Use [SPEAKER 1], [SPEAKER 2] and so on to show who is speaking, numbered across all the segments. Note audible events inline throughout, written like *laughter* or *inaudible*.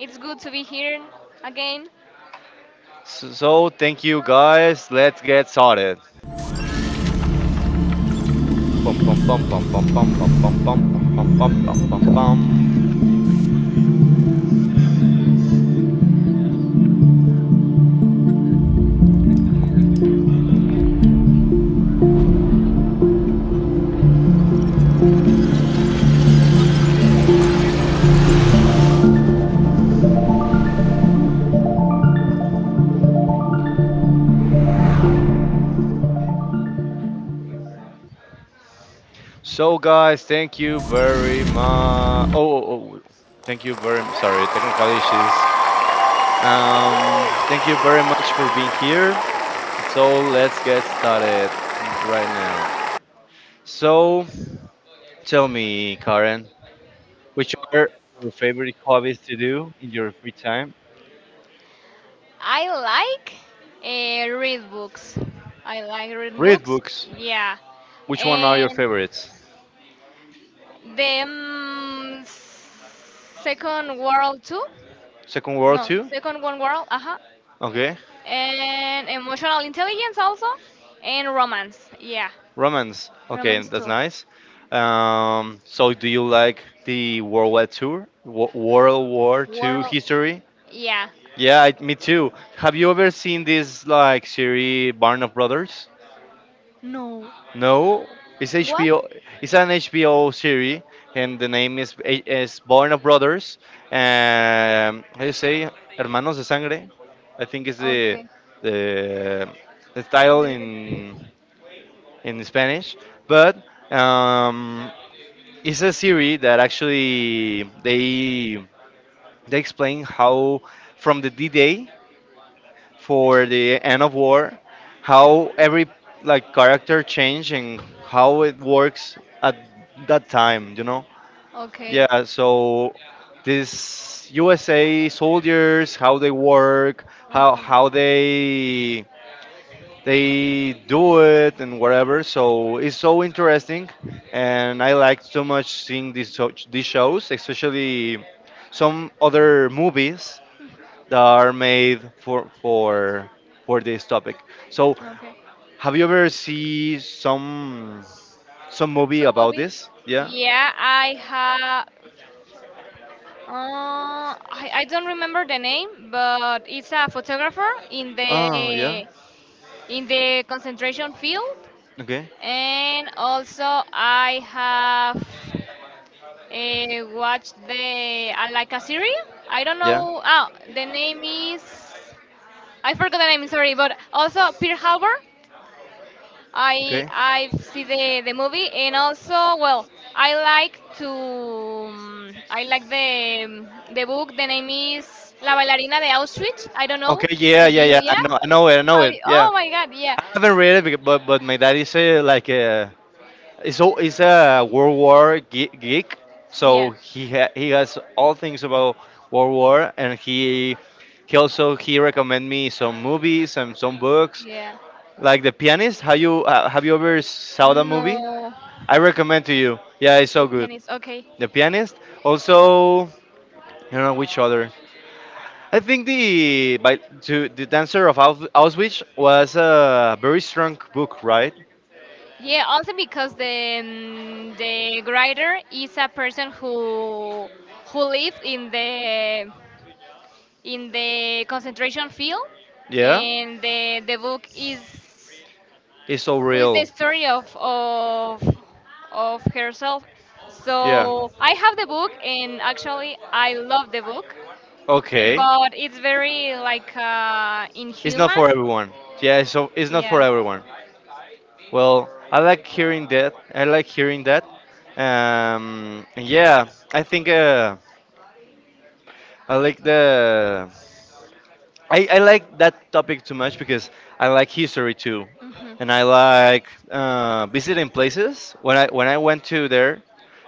[SPEAKER 1] It's good to be here again.
[SPEAKER 2] So, thank you, guys. Let's get started. Pum, pum, pum, pum, pum, pum, pum, pum, pum, pum, pum, pum, pum, pum, pum.
[SPEAKER 1] Mm,
[SPEAKER 2] So, guys, thank you very much. Oh, thank you very much. Sorry, technical issues.
[SPEAKER 1] woo.
[SPEAKER 2] Thank you very much for being here. So, let's get started right now. So, tell me, Karen, which are your favorite hobbies to do in your free time?
[SPEAKER 1] I like read books. I like read
[SPEAKER 2] Read
[SPEAKER 1] books.
[SPEAKER 2] books.
[SPEAKER 1] Yeah,
[SPEAKER 2] Which one are your
[SPEAKER 1] and
[SPEAKER 2] favorites?
[SPEAKER 1] the Second World too.
[SPEAKER 2] Second World
[SPEAKER 1] No,
[SPEAKER 2] Two.
[SPEAKER 1] Second One World. Uh huh.
[SPEAKER 2] Okay.
[SPEAKER 1] And emotional intelligence also, and romance. Yeah,
[SPEAKER 2] Romance. Okay,
[SPEAKER 1] romance
[SPEAKER 2] that's
[SPEAKER 1] too.
[SPEAKER 2] nice. So, do you like the World War Two
[SPEAKER 1] World.
[SPEAKER 2] history?
[SPEAKER 1] Yeah.
[SPEAKER 2] Yeah, me too. Have you ever seen this like series, Barn of Brothers?
[SPEAKER 1] No.
[SPEAKER 2] No, it's
[SPEAKER 1] What?
[SPEAKER 2] HBO. It's an HBO series, and the name is Born of Brothers. How you say Hermanos de Sangre? I think is the
[SPEAKER 1] Okay.
[SPEAKER 2] the the title
[SPEAKER 1] Genevieve.
[SPEAKER 2] in Spanish. But um, it's a series that actually they explain how from the D-Day for the end of war, how every like character changed and how it works at that time, you know?
[SPEAKER 1] Okay.
[SPEAKER 2] Yeah, so these USA soldiers, how they work, how
[SPEAKER 1] Uh-huh.
[SPEAKER 2] how they they do it and whatever. So it's so interesting, and I like so much seeing these shows, especially some other movies that are made for this topic. So,
[SPEAKER 1] Okay.
[SPEAKER 2] have you ever seen some movie
[SPEAKER 1] So
[SPEAKER 2] about
[SPEAKER 1] movie?
[SPEAKER 2] this? Yeah.
[SPEAKER 1] Yeah, I have. I don't remember the name, but it's a photographer in
[SPEAKER 2] Oh, yeah.
[SPEAKER 1] the in the concentration field,
[SPEAKER 2] Okay.
[SPEAKER 1] and also I have. Watched the like a series. I don't
[SPEAKER 2] Yeah.
[SPEAKER 1] know. Oh, the name is I forgot the name. Sorry, but also Pearl Harbor. I
[SPEAKER 2] Okay.
[SPEAKER 1] I've seen the movie and also well I like to I like the the book. The name is La Bailarina de Auschwitz. I don't know
[SPEAKER 2] Okay. Yeah.
[SPEAKER 1] if
[SPEAKER 2] Yeah.
[SPEAKER 1] you
[SPEAKER 2] Yeah. I
[SPEAKER 1] yeah.
[SPEAKER 2] know. I know it. I know
[SPEAKER 1] How
[SPEAKER 2] it. Yeah.
[SPEAKER 1] oh my God yeah
[SPEAKER 2] I haven't read it, but my dad is like is a geek,
[SPEAKER 1] yeah.
[SPEAKER 2] so he has all things about World War, and he also he recommend me some movies and some books
[SPEAKER 1] Yeah.
[SPEAKER 2] like The Pianist. Have you ever saw that movie?
[SPEAKER 1] No.
[SPEAKER 2] I recommend to you. Yeah, it's
[SPEAKER 1] The
[SPEAKER 2] so good.
[SPEAKER 1] pianist. Okay.
[SPEAKER 2] The Pianist. Also, I don't know which other. I think the by to the Dancer of Auschwitz was a very strong book, right?
[SPEAKER 1] Yeah. Also because the the writer is a person who lived in the concentration field,
[SPEAKER 2] Yeah,
[SPEAKER 1] and the book is
[SPEAKER 2] it's so
[SPEAKER 1] who is the
[SPEAKER 2] real.
[SPEAKER 1] story of herself.
[SPEAKER 2] Yeah.
[SPEAKER 1] So I have the book, and actually I love the book.
[SPEAKER 2] Okay,
[SPEAKER 1] But it's very like
[SPEAKER 2] it's not
[SPEAKER 1] inhuman.
[SPEAKER 2] for everyone. Yeah, so it's not for
[SPEAKER 1] Yeah.
[SPEAKER 2] everyone. Well, I like hearing that. I like hearing that. Yeah, I think I like the I like that topic too much because I like history too,
[SPEAKER 1] Hmm.
[SPEAKER 2] and I like visiting places. When I went to there,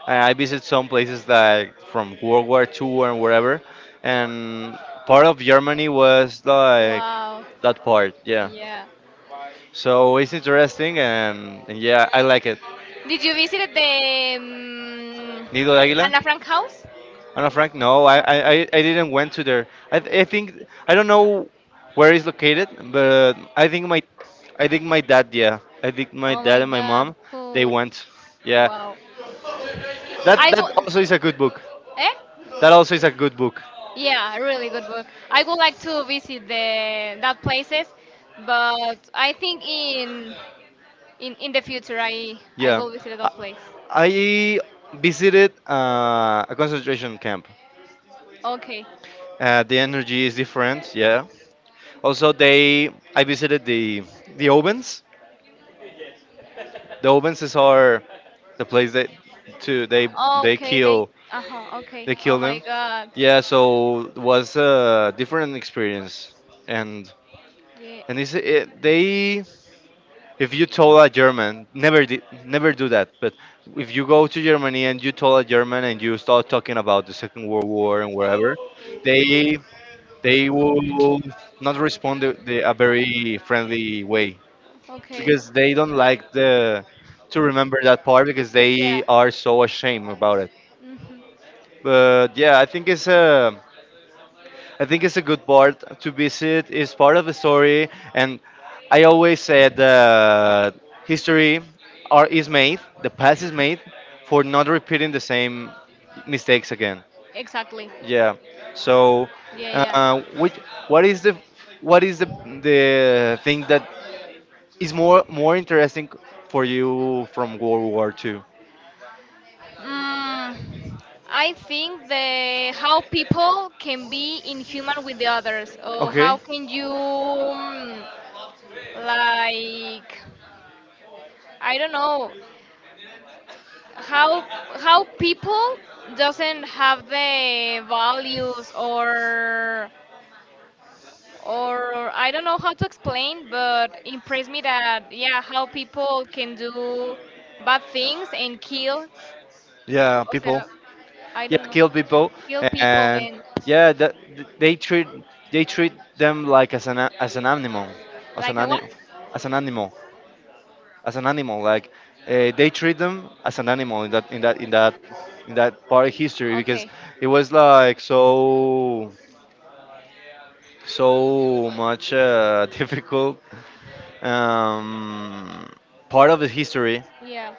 [SPEAKER 2] I visited some places like from World War Two and wherever, and part of Germany was like
[SPEAKER 1] Wow.
[SPEAKER 2] that part, yeah.
[SPEAKER 1] Yeah.
[SPEAKER 2] So it's interesting, and yeah, I like it.
[SPEAKER 1] Did you visit the
[SPEAKER 2] Nido de Águila.
[SPEAKER 1] Anna Frank house?
[SPEAKER 2] Anna Frank? No,
[SPEAKER 1] Anna Frank
[SPEAKER 2] I
[SPEAKER 1] house?
[SPEAKER 2] didn't went to there. I think I don't know where it's located, but I think my dad, yeah, I think my
[SPEAKER 1] Oh
[SPEAKER 2] dad
[SPEAKER 1] my
[SPEAKER 2] and my
[SPEAKER 1] God!
[SPEAKER 2] mom they
[SPEAKER 1] Cool.
[SPEAKER 2] went. Yeah,
[SPEAKER 1] Wow.
[SPEAKER 2] that
[SPEAKER 1] I
[SPEAKER 2] that
[SPEAKER 1] go.
[SPEAKER 2] also is a good book.
[SPEAKER 1] Eh?
[SPEAKER 2] That also is a good book.
[SPEAKER 1] Yeah, really good book. I would like to visit the that places, but I think in the future I
[SPEAKER 2] Yeah,
[SPEAKER 1] will visit that
[SPEAKER 2] I,
[SPEAKER 1] place.
[SPEAKER 2] I visited a concentration camp.
[SPEAKER 1] Okay.
[SPEAKER 2] The energy is different. Yeah. Also, they I visited the ovens. The ovens is our the place that to they
[SPEAKER 1] Okay, they.
[SPEAKER 2] kill.
[SPEAKER 1] Uh-huh. Okay.
[SPEAKER 2] They
[SPEAKER 1] Oh
[SPEAKER 2] killed
[SPEAKER 1] my
[SPEAKER 2] him.
[SPEAKER 1] god.
[SPEAKER 2] Yeah, so it was a different experience, and
[SPEAKER 1] Yeah.
[SPEAKER 2] and it's, it, they if you told a German never do that, but if you go to Germany and you told a German and you start talking about the Second World War and wherever, they they will not respond a very friendly way
[SPEAKER 1] Okay.
[SPEAKER 2] because they don't like the to remember that part because
[SPEAKER 1] Yeah.
[SPEAKER 2] they are so ashamed about it.
[SPEAKER 1] Hmm.
[SPEAKER 2] But yeah, I think it's a good part to visit. It's part of the story, and I always said that history is made, the past is made for not repeating the same mistakes again.
[SPEAKER 1] Exactly.
[SPEAKER 2] Yeah. So,
[SPEAKER 1] Yeah.
[SPEAKER 2] which what is the what is the thing that is more interesting for
[SPEAKER 1] Yeah.
[SPEAKER 2] you from World War Two?
[SPEAKER 1] Mm, I think the how people can be inhuman with the others, or
[SPEAKER 2] Okay.
[SPEAKER 1] how can you like I don't know how how people doesn't have the values or I don't know how to explain, but impressed me that yeah how people can do bad things and kill,
[SPEAKER 2] Yeah,
[SPEAKER 1] o
[SPEAKER 2] people.
[SPEAKER 1] sea, I
[SPEAKER 2] Yeah,
[SPEAKER 1] don't know,
[SPEAKER 2] kill people
[SPEAKER 1] kill people
[SPEAKER 2] and
[SPEAKER 1] and
[SPEAKER 2] yeah that they treat they treat them like as an animal, as an
[SPEAKER 1] like a what?
[SPEAKER 2] animal, as an animal, as an animal. Like they treat them as an animal in that in that in that in that part of history because
[SPEAKER 1] Okay.
[SPEAKER 2] it was like so so much *laughs* difficult um, part of the history,
[SPEAKER 1] Yeah.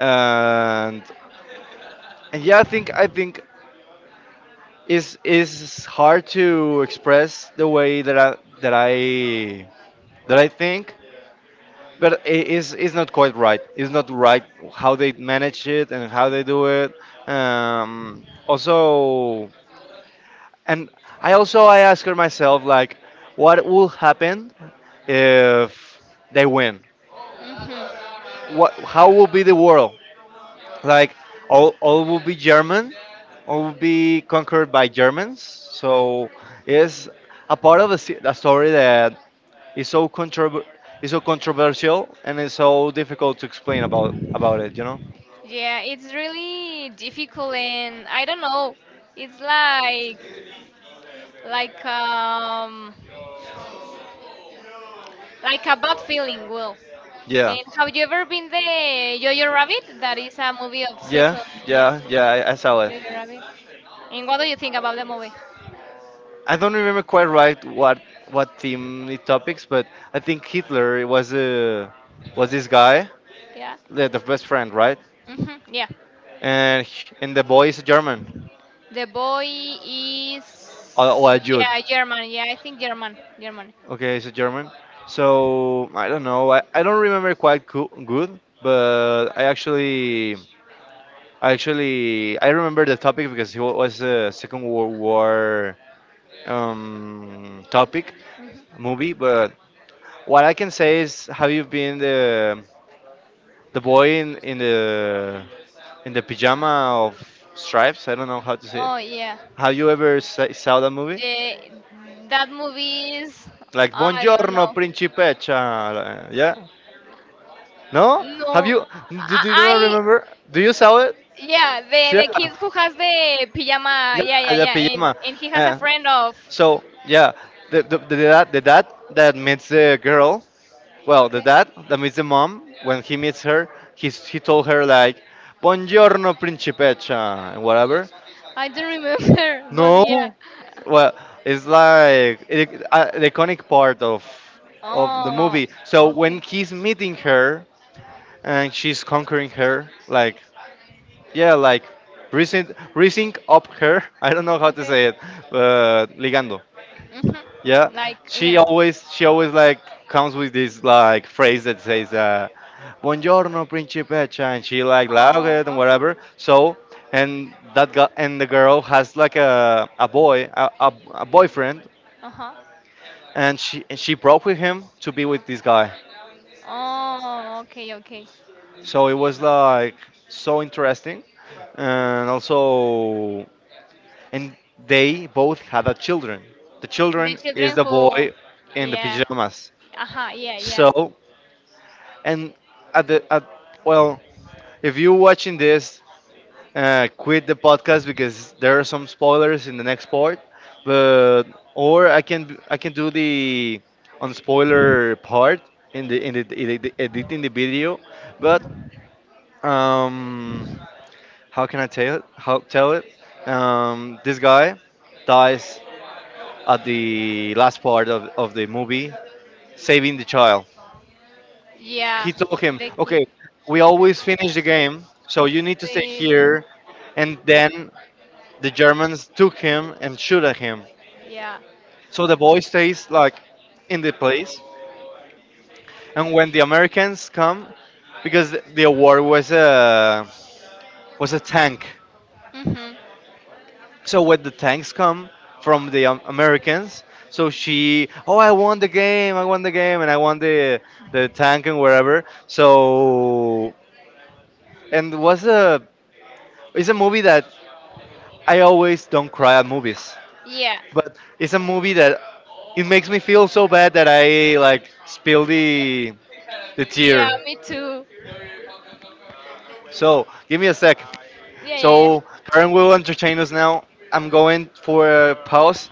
[SPEAKER 2] and and yeah, I think is hard to express the way that I think, but it is not quite right. It's not right how
[SPEAKER 1] Okay.
[SPEAKER 2] they manage it and how they do it. Also, and I also I ask her myself like, what will happen if they win?
[SPEAKER 1] Mm-hmm.
[SPEAKER 2] What, how will be the world? Like all will be German, all will be conquered by Germans. So it's a part of the story that is so controver is so controversial, and it's so difficult to explain about it. You know?
[SPEAKER 1] Yeah, it's really difficult, and I don't know. It's like like like a bad feeling. Well,
[SPEAKER 2] Yeah,
[SPEAKER 1] and have you ever been the Jojo Rabbit? That is a movie of
[SPEAKER 2] yeah,
[SPEAKER 1] second. Yeah.
[SPEAKER 2] I saw it.
[SPEAKER 1] Yeah, you. And what do you think about the movie?
[SPEAKER 2] I don't remember quite right what the topics, but I think Hitler was this guy,
[SPEAKER 1] Yeah.
[SPEAKER 2] the best friend, right?
[SPEAKER 1] Hmm. Yeah.
[SPEAKER 2] And the boy is a German
[SPEAKER 1] The boy is
[SPEAKER 2] or a Jew.
[SPEAKER 1] yeah German. Yeah, I think German. German.
[SPEAKER 2] Okay, so German. So I don't know. I don't remember good, but I actually I actually I remember the topic because was a Second World War topic
[SPEAKER 1] Hmm.
[SPEAKER 2] movie. But what I can say is, have you been the boy in the pajama of stripes? I don't know how to say it.
[SPEAKER 1] Oh yeah.
[SPEAKER 2] Have you ever saw that movie?
[SPEAKER 1] The, that movie is
[SPEAKER 2] Like
[SPEAKER 1] I don't
[SPEAKER 2] Buongiorno
[SPEAKER 1] know.
[SPEAKER 2] Principessa. Yeah. No? Have
[SPEAKER 1] No,
[SPEAKER 2] you? Do you not
[SPEAKER 1] I, I
[SPEAKER 2] remember? Do you saw it?
[SPEAKER 1] yeah
[SPEAKER 2] Yeah,
[SPEAKER 1] the kid who has the pajama.
[SPEAKER 2] yeah,
[SPEAKER 1] Yeah, yeah,
[SPEAKER 2] the
[SPEAKER 1] yeah.
[SPEAKER 2] pajama.
[SPEAKER 1] And he has a
[SPEAKER 2] Uh,
[SPEAKER 1] friend of
[SPEAKER 2] so yeah, the dad, the dad that meets the girl. Well, the
[SPEAKER 1] okay.
[SPEAKER 2] dad that meets the mom when he meets her, he told her like, "Buongiorno, principessa," and whatever.
[SPEAKER 1] I don't remember, *laughs* but yeah.
[SPEAKER 2] No, well, the iconic part of the
[SPEAKER 1] Oh,
[SPEAKER 2] movie. So when
[SPEAKER 1] okay,
[SPEAKER 2] he's meeting her and she's conquering her, like yeah, like raising raising up her. *laughs* I don't know how to
[SPEAKER 1] okay.
[SPEAKER 2] say it, but ligando.
[SPEAKER 1] Hmm.
[SPEAKER 2] Yeah,
[SPEAKER 1] Like, yeah.
[SPEAKER 2] she always like comes with this like phrase that says "Buongiorno, principessa," and she like loud
[SPEAKER 1] Oh,
[SPEAKER 2] and
[SPEAKER 1] uh huh,
[SPEAKER 2] whatever. So and that guy and the girl has like a boyfriend,
[SPEAKER 1] uh huh.
[SPEAKER 2] and she broke with him to be with this guy.
[SPEAKER 1] Oh, okay, okay.
[SPEAKER 2] So it was like so interesting, and also and they both had a children. The
[SPEAKER 1] The
[SPEAKER 2] children is
[SPEAKER 1] children
[SPEAKER 2] the
[SPEAKER 1] who,
[SPEAKER 2] boy in the
[SPEAKER 1] yeah,
[SPEAKER 2] pajamas.
[SPEAKER 1] uh huh, yeah, yeah,
[SPEAKER 2] So and at the at, well, if you're watching this, quit the podcast because there are some spoilers in the next part. But or I can do the unspoiler part in the in the, in the editing the video. But um, how can I tell it? How tell it? This guy dies at the last part of the movie, saving the child.
[SPEAKER 1] yeah.
[SPEAKER 2] He told him,
[SPEAKER 1] The
[SPEAKER 2] okay,
[SPEAKER 1] kids,
[SPEAKER 2] we always finish the game, so you need to stay
[SPEAKER 1] they,
[SPEAKER 2] here. And then the Germans took him and shoot at him.
[SPEAKER 1] yeah.
[SPEAKER 2] So the boy stays like in the place. And when the Americans come, because the award was a tank,
[SPEAKER 1] Mhm.
[SPEAKER 2] so when the tanks come from the Americans, so she, oh, I won the game, I won the game, and I won the tank and wherever. So, and was a it's a movie that I always don't cry at movies,
[SPEAKER 1] Yeah.
[SPEAKER 2] but it's a movie that it makes me feel so bad that I like spill the
[SPEAKER 1] Yeah,
[SPEAKER 2] tear.
[SPEAKER 1] me too.
[SPEAKER 2] So give me a sec.
[SPEAKER 1] Yeah, yeah, yeah.
[SPEAKER 2] So Karen will entertain us now. I'm going for a pause.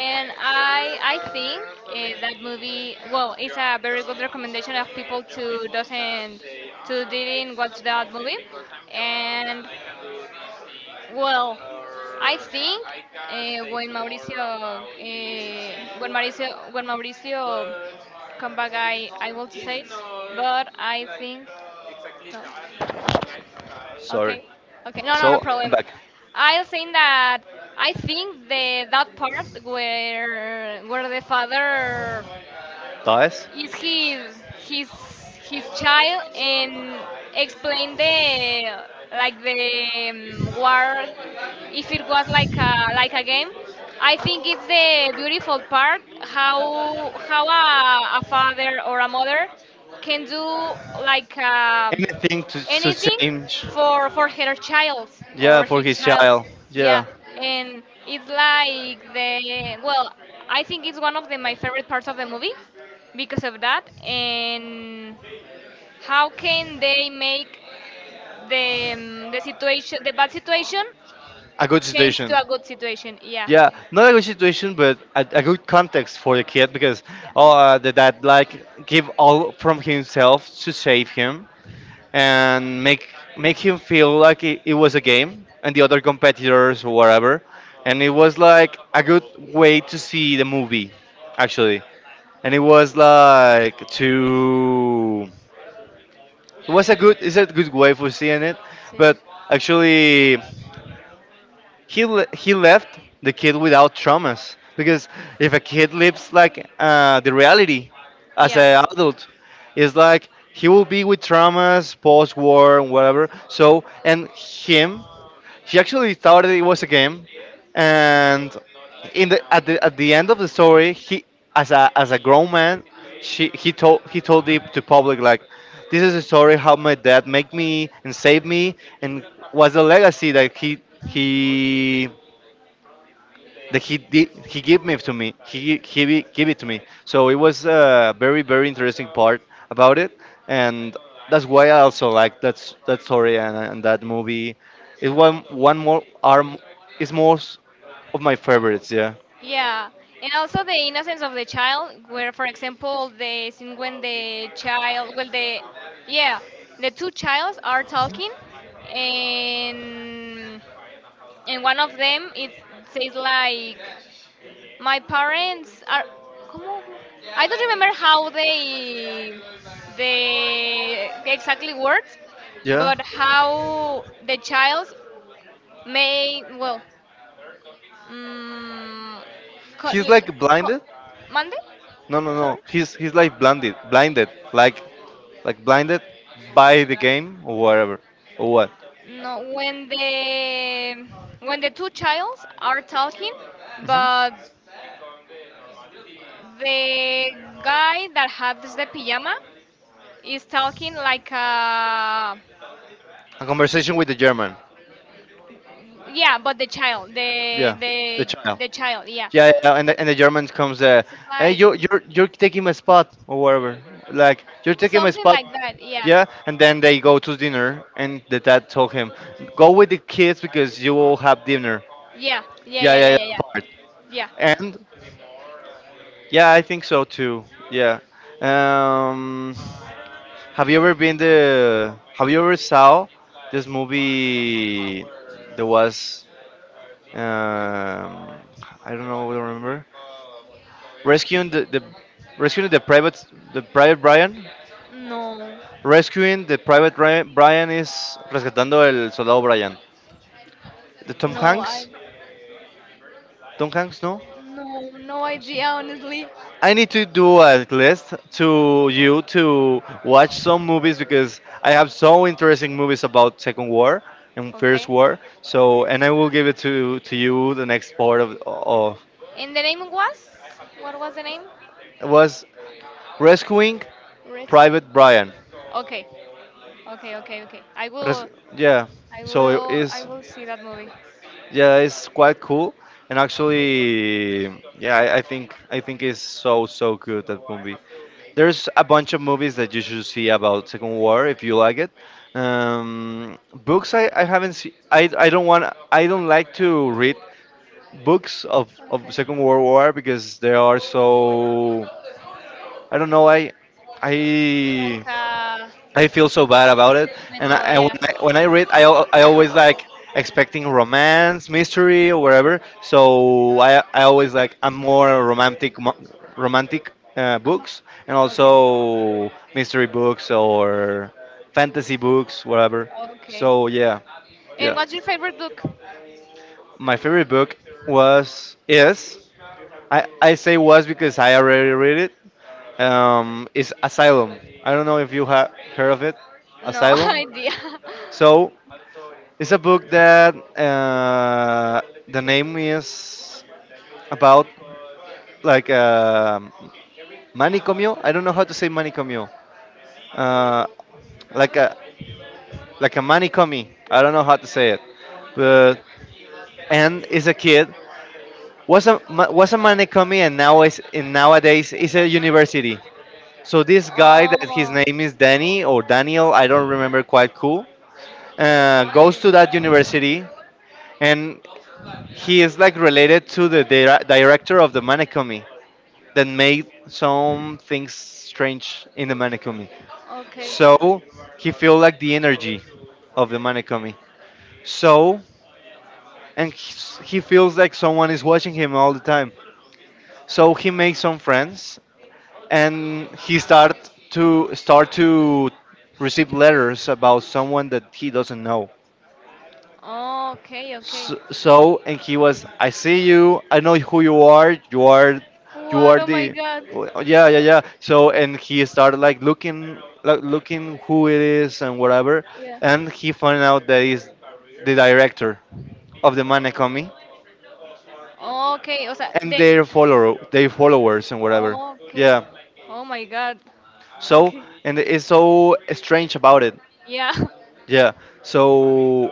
[SPEAKER 1] And I think that movie well it's a very good recommendation of people to doesn't to didn't watch that movie. And well, I think when Mauricio come back I will to say it, but I think no.
[SPEAKER 2] Sorry.
[SPEAKER 1] Okay, okay, no, no, no
[SPEAKER 2] So I'm
[SPEAKER 1] problem.
[SPEAKER 2] back.
[SPEAKER 1] I was saying that I think the that part where the father
[SPEAKER 2] Guys,
[SPEAKER 1] is his his child and explain the like the war if it was like a game I think it's the beautiful part how a father or a mother can do like
[SPEAKER 2] anything to
[SPEAKER 1] anything
[SPEAKER 2] change?
[SPEAKER 1] for her child
[SPEAKER 2] Yeah,
[SPEAKER 1] or
[SPEAKER 2] for
[SPEAKER 1] his
[SPEAKER 2] his
[SPEAKER 1] child
[SPEAKER 2] child.
[SPEAKER 1] yeah
[SPEAKER 2] Yeah,
[SPEAKER 1] and it's like the well I think it's one of the, my favorite parts of the movie because of that and how can they make the situation the bad situation
[SPEAKER 2] a good
[SPEAKER 1] change to
[SPEAKER 2] situation.
[SPEAKER 1] a good situation yeah
[SPEAKER 2] Yeah, not a good situation, but a good context for the kid because oh,
[SPEAKER 1] yeah
[SPEAKER 2] the dad like give all from himself to save him, and make make him feel like it was a game and the other competitors or whatever and it was like a good way to see the movie actually and it was like to it was a good it's a good way for seeing it
[SPEAKER 1] sí
[SPEAKER 2] but actually he left the kid without traumas because if a kid lives like the reality as
[SPEAKER 1] yeah.
[SPEAKER 2] an adult it's like he will be with traumas post war and whatever so and him he actually thought that it was a game and in the at the at the end of the story, he as a grown man, she he told the to public like, this is a story how my dad make me and saved me and was the legacy that
[SPEAKER 1] Mhm.
[SPEAKER 2] he that he did he give me to me give it to me. So it was a very very interesting part about it, and that's why I also like that story and that movie. It one more arm is most of my favorites. Yeah.
[SPEAKER 1] Yeah, and also the innocence of the child, where, for example, the scene when the child, well, the yeah, the two childs are talking, and and one of them it says like, my parents are, ¿cómo? I don't remember how they the exactly words,
[SPEAKER 2] Yeah.
[SPEAKER 1] but how the child may well Mm, co-
[SPEAKER 2] He's
[SPEAKER 1] l-
[SPEAKER 2] like
[SPEAKER 1] co-
[SPEAKER 2] blinded.
[SPEAKER 1] Monday?
[SPEAKER 2] No, no, no.
[SPEAKER 1] Sorry?
[SPEAKER 2] He's like blinded, blinded, like blinded by the game or whatever or what.
[SPEAKER 1] No, when the two childs are talking,
[SPEAKER 2] Hmm.
[SPEAKER 1] but the guy that has the pajama is talking like a
[SPEAKER 2] A conversation with the German.
[SPEAKER 1] yeah, but the child, the
[SPEAKER 2] Yeah, the
[SPEAKER 1] the
[SPEAKER 2] child.
[SPEAKER 1] the child, yeah.
[SPEAKER 2] Yeah, yeah, and the German comes there.
[SPEAKER 1] It's
[SPEAKER 2] Hey,
[SPEAKER 1] like
[SPEAKER 2] you're taking my spot or whatever. Like you're taking my
[SPEAKER 1] something
[SPEAKER 2] spot.
[SPEAKER 1] like that, yeah.
[SPEAKER 2] Yeah, and then they go to dinner, and the dad told him, "Go with the kids because you will have dinner."
[SPEAKER 1] Yeah, yeah,
[SPEAKER 2] Yeah,
[SPEAKER 1] yeah,
[SPEAKER 2] yeah,
[SPEAKER 1] yeah, yeah,
[SPEAKER 2] yeah.
[SPEAKER 1] yeah.
[SPEAKER 2] Part.
[SPEAKER 1] Yeah.
[SPEAKER 2] And yeah, I think so too. Yeah. Um, have you ever been the? Have you ever saw this movie? There was um, I don't know. I don't remember. Rescuing the private the private Brian.
[SPEAKER 1] No,
[SPEAKER 2] Rescuing the private Ryan, Brian is rescatando el soldado Brian. The Tom
[SPEAKER 1] no, I,
[SPEAKER 2] Hanks. Tom Hanks, no.
[SPEAKER 1] no, no idea, honestly.
[SPEAKER 2] I need to do a list to you to watch some movies because I have so interesting movies about Second War and First
[SPEAKER 1] Okay.
[SPEAKER 2] War. So, and I will give it to you the next part of
[SPEAKER 1] And the name was? What was the name?
[SPEAKER 2] it was rescuing
[SPEAKER 1] Red.
[SPEAKER 2] Private Brian.
[SPEAKER 1] Okay, okay, okay, okay. I
[SPEAKER 2] Res-
[SPEAKER 1] will,
[SPEAKER 2] yeah.
[SPEAKER 1] I
[SPEAKER 2] So it
[SPEAKER 1] will, I
[SPEAKER 2] is.
[SPEAKER 1] will see that movie.
[SPEAKER 2] Yeah, it's quite cool, and actually yeah, I think it's so good that movie. There's a bunch of movies that you should see about second war if you like it. Books, I haven't seen, I don't want, I don't like to read books of,
[SPEAKER 1] Okay.
[SPEAKER 2] of second world war because they are so I don't know i
[SPEAKER 1] Like
[SPEAKER 2] i I feel so bad about it. And I,
[SPEAKER 1] sentimental,
[SPEAKER 2] and
[SPEAKER 1] yeah.
[SPEAKER 2] when I read, I always like expecting romance, mystery, or whatever. So I always like I'm more romantic
[SPEAKER 1] Uh-huh.
[SPEAKER 2] books, and
[SPEAKER 1] Okay.
[SPEAKER 2] also mystery books or fantasy books, whatever.
[SPEAKER 1] Okay.
[SPEAKER 2] So yeah,
[SPEAKER 1] And
[SPEAKER 2] yeah.
[SPEAKER 1] what's your favorite book?
[SPEAKER 2] My favorite book was is, I say was because I already read it. Is Asylum. I don't know if you have heard of it.
[SPEAKER 1] No
[SPEAKER 2] Asylum.
[SPEAKER 1] *laughs* idea.
[SPEAKER 2] So it's a book that the name is about like manicomio. I don't know how to say manicomio. Uh, like a, like a manicomi. I don't know how to say it, but and is a kid, was a manicomi, and nowadays is a university. So this guy that his
[SPEAKER 1] Oh.
[SPEAKER 2] name is Danny or Daniel, I don't remember, quite cool, goes to that university, and he is like related to the director of the Manekomi, that made some things strange in the Manekomi.
[SPEAKER 1] Okay.
[SPEAKER 2] So he feels like the energy of the Manekomi. So, and he feels like someone is watching him all the time. So he makes some friends, and he start to receive letters about someone that he doesn't know.
[SPEAKER 1] Oh, okay, okay.
[SPEAKER 2] So and he was, I see you. I know who you are. You are
[SPEAKER 1] What? Oh my
[SPEAKER 2] the,
[SPEAKER 1] God.
[SPEAKER 2] oh, yeah, yeah, yeah. So, and he started like looking, who it is and whatever,
[SPEAKER 1] Yeah.
[SPEAKER 2] and he found out that he's the director of the Manekomi,
[SPEAKER 1] Okay, o sea,
[SPEAKER 2] and
[SPEAKER 1] de,
[SPEAKER 2] their followers and whatever.
[SPEAKER 1] okay.
[SPEAKER 2] Yeah.
[SPEAKER 1] Oh my god.
[SPEAKER 2] So,
[SPEAKER 1] Okay.
[SPEAKER 2] and it's so strange about it.
[SPEAKER 1] Yeah. *laughs*
[SPEAKER 2] Yeah. So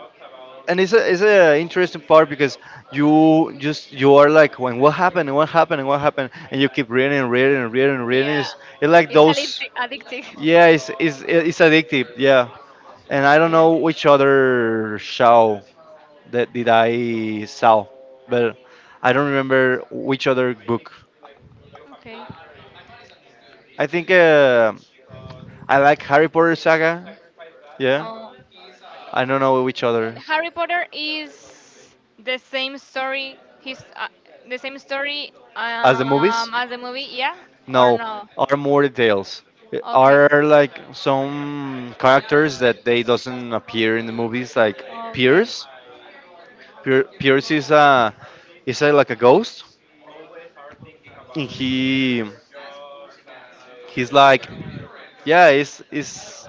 [SPEAKER 2] and it's a interesting part because you just you are like when what happened and what happened and what happened, and you keep reading and reading and reading and reading,
[SPEAKER 1] Yeah.
[SPEAKER 2] it's like
[SPEAKER 1] It's addictive.
[SPEAKER 2] those,
[SPEAKER 1] Addictive.
[SPEAKER 2] yeah, it's addictive, yeah. And I don't
[SPEAKER 1] Yeah.
[SPEAKER 2] know which other show that did I saw, but I don't remember which other book.
[SPEAKER 1] Okay.
[SPEAKER 2] I think I like Harry Potter saga, yeah.
[SPEAKER 1] Uh,
[SPEAKER 2] I don't know which
[SPEAKER 1] and
[SPEAKER 2] other.
[SPEAKER 1] Harry Potter is the same story. His The same story
[SPEAKER 2] As the movies.
[SPEAKER 1] as the movie. Yeah or
[SPEAKER 2] No,
[SPEAKER 1] no?
[SPEAKER 2] are more details.
[SPEAKER 1] Okay.
[SPEAKER 2] Are like some characters that they doesn't appear in the movies, like
[SPEAKER 1] Okay.
[SPEAKER 2] Pierce. Pierce is a, like a ghost, and he's like, yeah, is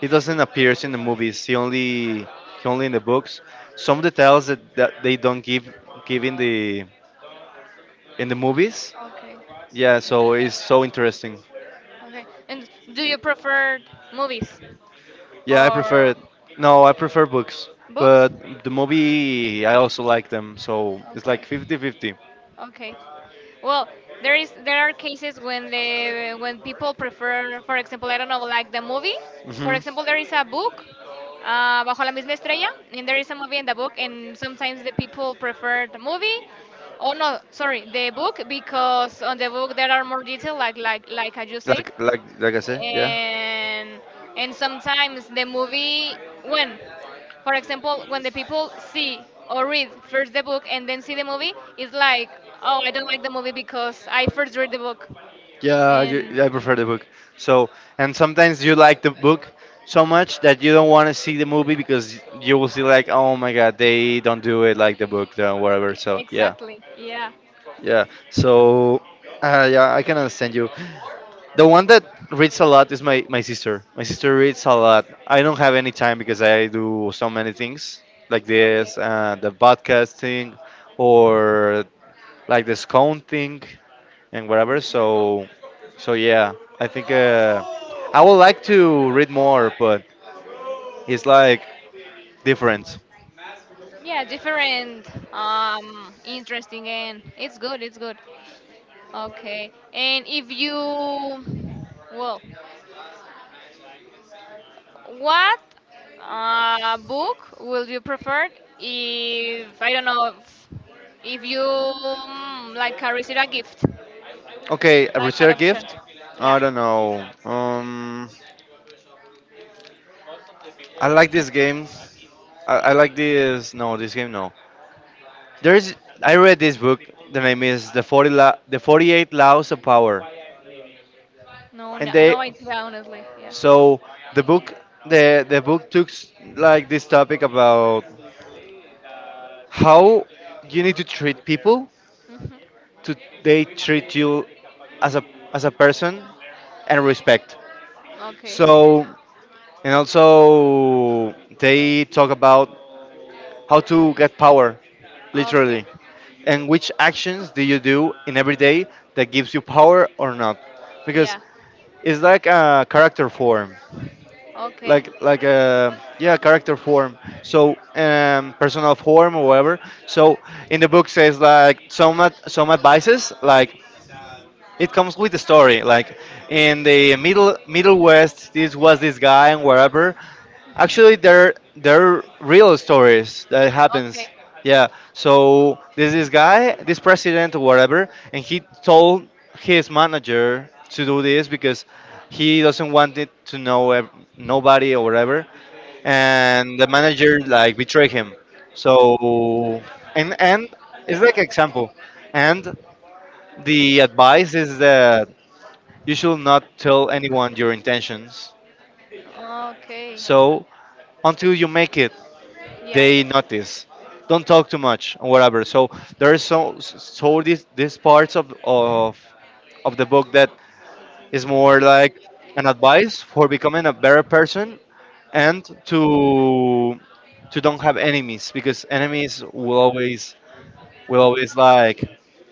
[SPEAKER 2] he doesn't appear in the movies. He only in the books. Some details that they don't give in the movies.
[SPEAKER 1] Okay.
[SPEAKER 2] Yeah, so it's so interesting.
[SPEAKER 1] Okay. And do you prefer movies?
[SPEAKER 2] Yeah, I prefer
[SPEAKER 1] Or
[SPEAKER 2] it. No, I prefer books,
[SPEAKER 1] books?
[SPEAKER 2] but the movie I also like them, so it's like
[SPEAKER 1] Okay.
[SPEAKER 2] fifty-fifty. 50.
[SPEAKER 1] Okay. Well, there is there are cases when the when people prefer, for example, I don't know, like the movie. For
[SPEAKER 2] Hmm.
[SPEAKER 1] example, there is a book, Bajo la misma estrella, and there is a movie in the book, and sometimes the people prefer the movie. Oh no, sorry, the book because on the book there are more detail, like as you said,
[SPEAKER 2] Like I said, yeah.
[SPEAKER 1] and and sometimes the movie when for example when the people see or read first the book and then see the movie it's like oh I don't like the movie because I first read the book
[SPEAKER 2] Yeah,
[SPEAKER 1] and
[SPEAKER 2] I prefer the book. So, and sometimes you like the book so much that you don't want to see the movie because you will see like, oh my god, they don't do it like the book or whatever. So, yeah.
[SPEAKER 1] exactly yeah
[SPEAKER 2] Yeah. So, yeah, I can understand you. The one that reads a lot is my sister. My sister reads a lot. I don't have any time because I do so many things like
[SPEAKER 1] okay
[SPEAKER 2] this, the podcasting, or like the scone thing, and whatever.
[SPEAKER 1] okay
[SPEAKER 2] So, yeah, I think I would like to read more, but it's like different.
[SPEAKER 1] yeah different interesting and it's good it's good. Okay. And if you, well, what book will you prefer if, I don't know, if you like receive a gift,
[SPEAKER 2] Okay, a
[SPEAKER 1] like an
[SPEAKER 2] research
[SPEAKER 1] option?
[SPEAKER 2] gift.
[SPEAKER 1] Yeah.
[SPEAKER 2] I don't know. I like this game. I like this. No, this game. No, there is. I read this book. The name is the the 48 laws of power,
[SPEAKER 1] No,
[SPEAKER 2] and
[SPEAKER 1] no,
[SPEAKER 2] they.
[SPEAKER 1] no idea, honestly. Yeah.
[SPEAKER 2] So the book, the book took like this topic about how you need to treat people
[SPEAKER 1] Hmm.
[SPEAKER 2] to they treat you as a person and respect.
[SPEAKER 1] Okay.
[SPEAKER 2] So, and also they talk about how to get power,
[SPEAKER 1] Okay.
[SPEAKER 2] literally. And which actions do you do in every day that gives you power or not? Because
[SPEAKER 1] Yeah.
[SPEAKER 2] it's like a character form,
[SPEAKER 1] Okay.
[SPEAKER 2] like a yeah character form. So, personal form or whatever. So in the book says like some some advices, like it comes with a story. Like in the Middle West, this was this guy and wherever. Actually, they're real stories that
[SPEAKER 1] Okay.
[SPEAKER 2] happens. Yeah. So there's this guy, this president or whatever, and he told his manager to do this because he doesn't want it to know nobody or whatever. And the manager like betrayed him. So and it's like example. And the advice is that you should not tell anyone your intentions.
[SPEAKER 1] Okay.
[SPEAKER 2] So until you make it,
[SPEAKER 1] Yeah.
[SPEAKER 2] they notice. Don't talk too much or whatever. So there is so these parts of the book that is more like an advice for becoming a better person, and to don't have enemies, because enemies will always like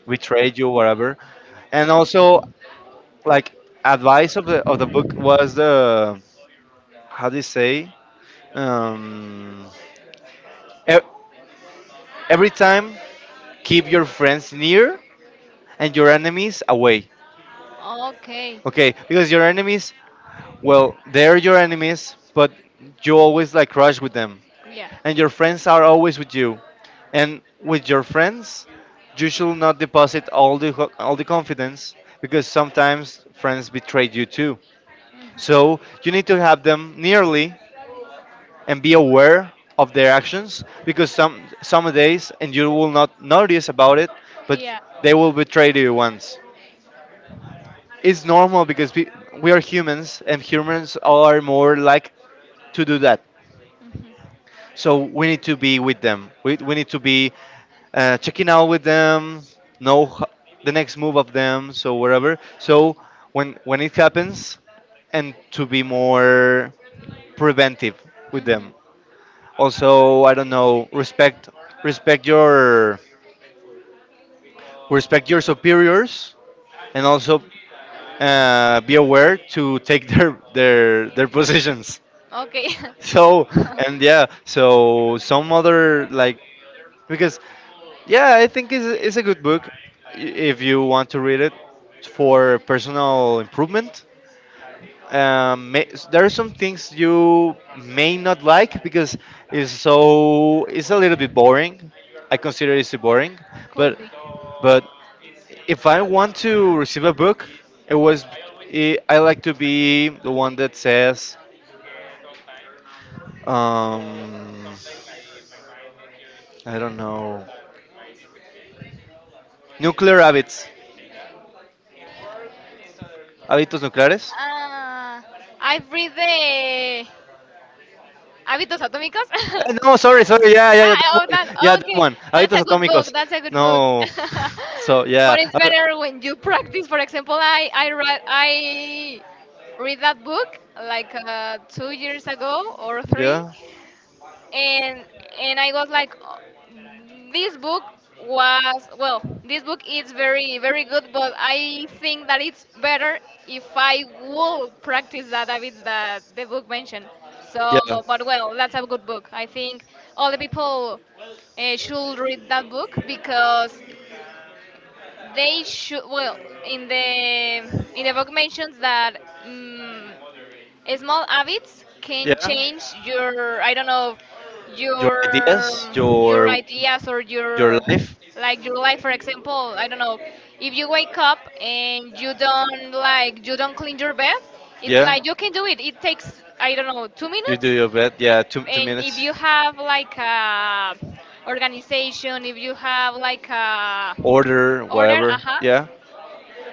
[SPEAKER 2] betray you whatever. And also like advice of the book was the, how do you say, Um, e- every time, keep your friends near and your enemies away.
[SPEAKER 1] Okay.
[SPEAKER 2] Okay, because your enemies, well, they're your enemies, but you always like crush with them,
[SPEAKER 1] Yeah.
[SPEAKER 2] and your friends are always with you. And with your friends, you should not deposit all the all the confidence, because sometimes friends betray you too.
[SPEAKER 1] Mhm.
[SPEAKER 2] So you need to have them nearly and be aware of their actions, because some days and you will not notice about it, but
[SPEAKER 1] Yeah.
[SPEAKER 2] they will betray you once. It's normal because we are humans, and humans are more like to do that,
[SPEAKER 1] Mhm.
[SPEAKER 2] so we need to be with them. We need to be checking out with them, know the next move of them so whatever. So when it happens, and to be more preventive with
[SPEAKER 1] Mhm.
[SPEAKER 2] them. Also, I don't know, respect, respect your respect your superiors, and also be aware to take *laughs* their their positions
[SPEAKER 1] Okay. *laughs*
[SPEAKER 2] *laughs* so, and yeah, so some other, like, because yeah, I think it's a good book if you want to read it
[SPEAKER 1] Okay.
[SPEAKER 2] for personal improvement. um, may, there are some things you may not like because it's a little bit boring. I consider it's boring,
[SPEAKER 1] Could.
[SPEAKER 2] but but if I want to receive a book, it was, I like to be the one that says um, I don't know, nuclear habits, hábitos nucleares.
[SPEAKER 1] Ah, I've read the Hábitos Atómicos.
[SPEAKER 2] No, sorry,
[SPEAKER 1] *laughs*
[SPEAKER 2] sorry, yeah, yeah, yeah, that
[SPEAKER 1] Ah,
[SPEAKER 2] one, yeah,
[SPEAKER 1] oh,
[SPEAKER 2] that
[SPEAKER 1] okay.
[SPEAKER 2] one.
[SPEAKER 1] That's
[SPEAKER 2] Hábitos
[SPEAKER 1] a good book.
[SPEAKER 2] atómicos.
[SPEAKER 1] That's a good book.
[SPEAKER 2] No.
[SPEAKER 1] *laughs*
[SPEAKER 2] *laughs* So yeah,
[SPEAKER 1] But it's better when you practice. For example, I read I read that book like 2 years ago or three,
[SPEAKER 2] Yeah.
[SPEAKER 1] and and I was like, "Oh, this book was well, this book is very very good, but I think that it's better if I will practice that habits that the book mentioned. So, but well, that's a good book. I think all the people should read that book because they should well in the book mentions that. Mm, small habits
[SPEAKER 2] Yeah.
[SPEAKER 1] can
[SPEAKER 2] Yeah.
[SPEAKER 1] change your I don't know
[SPEAKER 2] Your
[SPEAKER 1] your
[SPEAKER 2] ideas,
[SPEAKER 1] your ideas or
[SPEAKER 2] your
[SPEAKER 1] your
[SPEAKER 2] life.
[SPEAKER 1] like your life for example I don't know if you wake up and you don't like you don't clean your bed it's
[SPEAKER 2] Yeah,
[SPEAKER 1] like you can do it it takes I don't know 2
[SPEAKER 2] you do
[SPEAKER 1] minutes
[SPEAKER 2] your bed. Yeah, two
[SPEAKER 1] and if
[SPEAKER 2] minutes.
[SPEAKER 1] you have like a organization if you have like a
[SPEAKER 2] Order
[SPEAKER 1] order
[SPEAKER 2] whatever.
[SPEAKER 1] uh-huh
[SPEAKER 2] Yeah.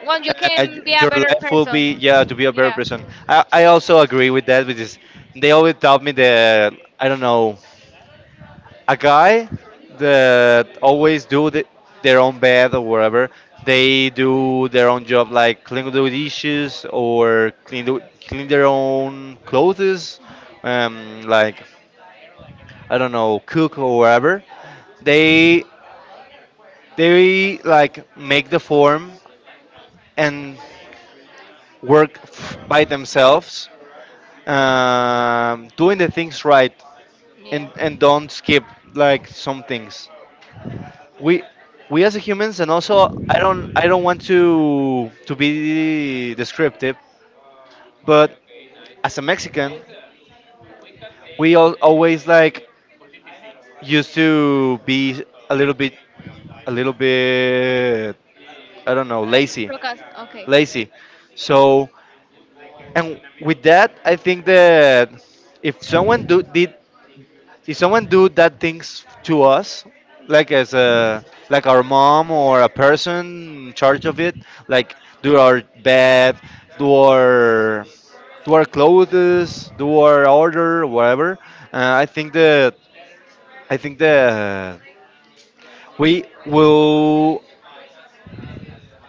[SPEAKER 1] one you
[SPEAKER 2] Uh,
[SPEAKER 1] can be a
[SPEAKER 2] your
[SPEAKER 1] better
[SPEAKER 2] life will be,
[SPEAKER 1] person
[SPEAKER 2] yeah, to be a better
[SPEAKER 1] yeah.
[SPEAKER 2] person. I also agree with that because they always taught me that, I don't know, a guy that always do their own bed or whatever. They do their own job, like clean the dishes or clean clean their own clothes, like, I don't know, cook or whatever. They they like make the form and work by themselves, doing the things right,
[SPEAKER 1] Yeah.
[SPEAKER 2] and don't skip like some things. we we as humans, and also I don't want to be descriptive, but as a mexican we all always like used to be a little bit, a little bit I don't know,
[SPEAKER 1] Like
[SPEAKER 2] lazy,
[SPEAKER 1] broadcast. Okay.
[SPEAKER 2] lazy so, and with that I think that, if someone do, did if someone do that things to us, like as a, our mom or a person in charge of it, like do our bed, do our, clothes, do our order whatever, I think that, i think that we will,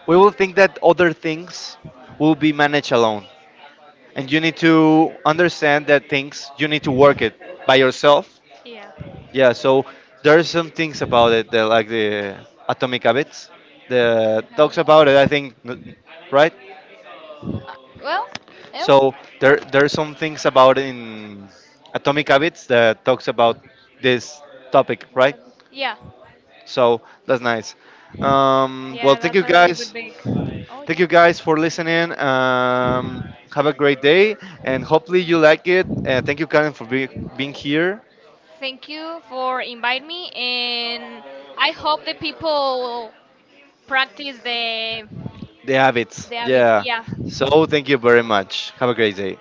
[SPEAKER 2] think that other things will be managed alone, and you need to understand that things you need to work it by yourself.
[SPEAKER 1] Yeah.
[SPEAKER 2] Yeah, so there are some things about it that, like the Atomic Habits, that talks about it. I think, right?
[SPEAKER 1] Uh, well, well.
[SPEAKER 2] So there are some things about in Atomic Habits that talks about this topic, right?
[SPEAKER 1] Yeah.
[SPEAKER 2] So that's nice. Well,
[SPEAKER 1] Yeah,
[SPEAKER 2] thank
[SPEAKER 1] that's
[SPEAKER 2] you
[SPEAKER 1] a really good
[SPEAKER 2] guys.
[SPEAKER 1] big. Oh
[SPEAKER 2] Thank
[SPEAKER 1] yeah.
[SPEAKER 2] you guys for listening. Have a great day, and hopefully you like it. Thank you, Karen, for being here.
[SPEAKER 1] Thank you for inviting me, and I hope the people practice
[SPEAKER 2] The habits,
[SPEAKER 1] the habits.
[SPEAKER 2] yeah.
[SPEAKER 1] Yeah,
[SPEAKER 2] So thank you very much. Have a great day.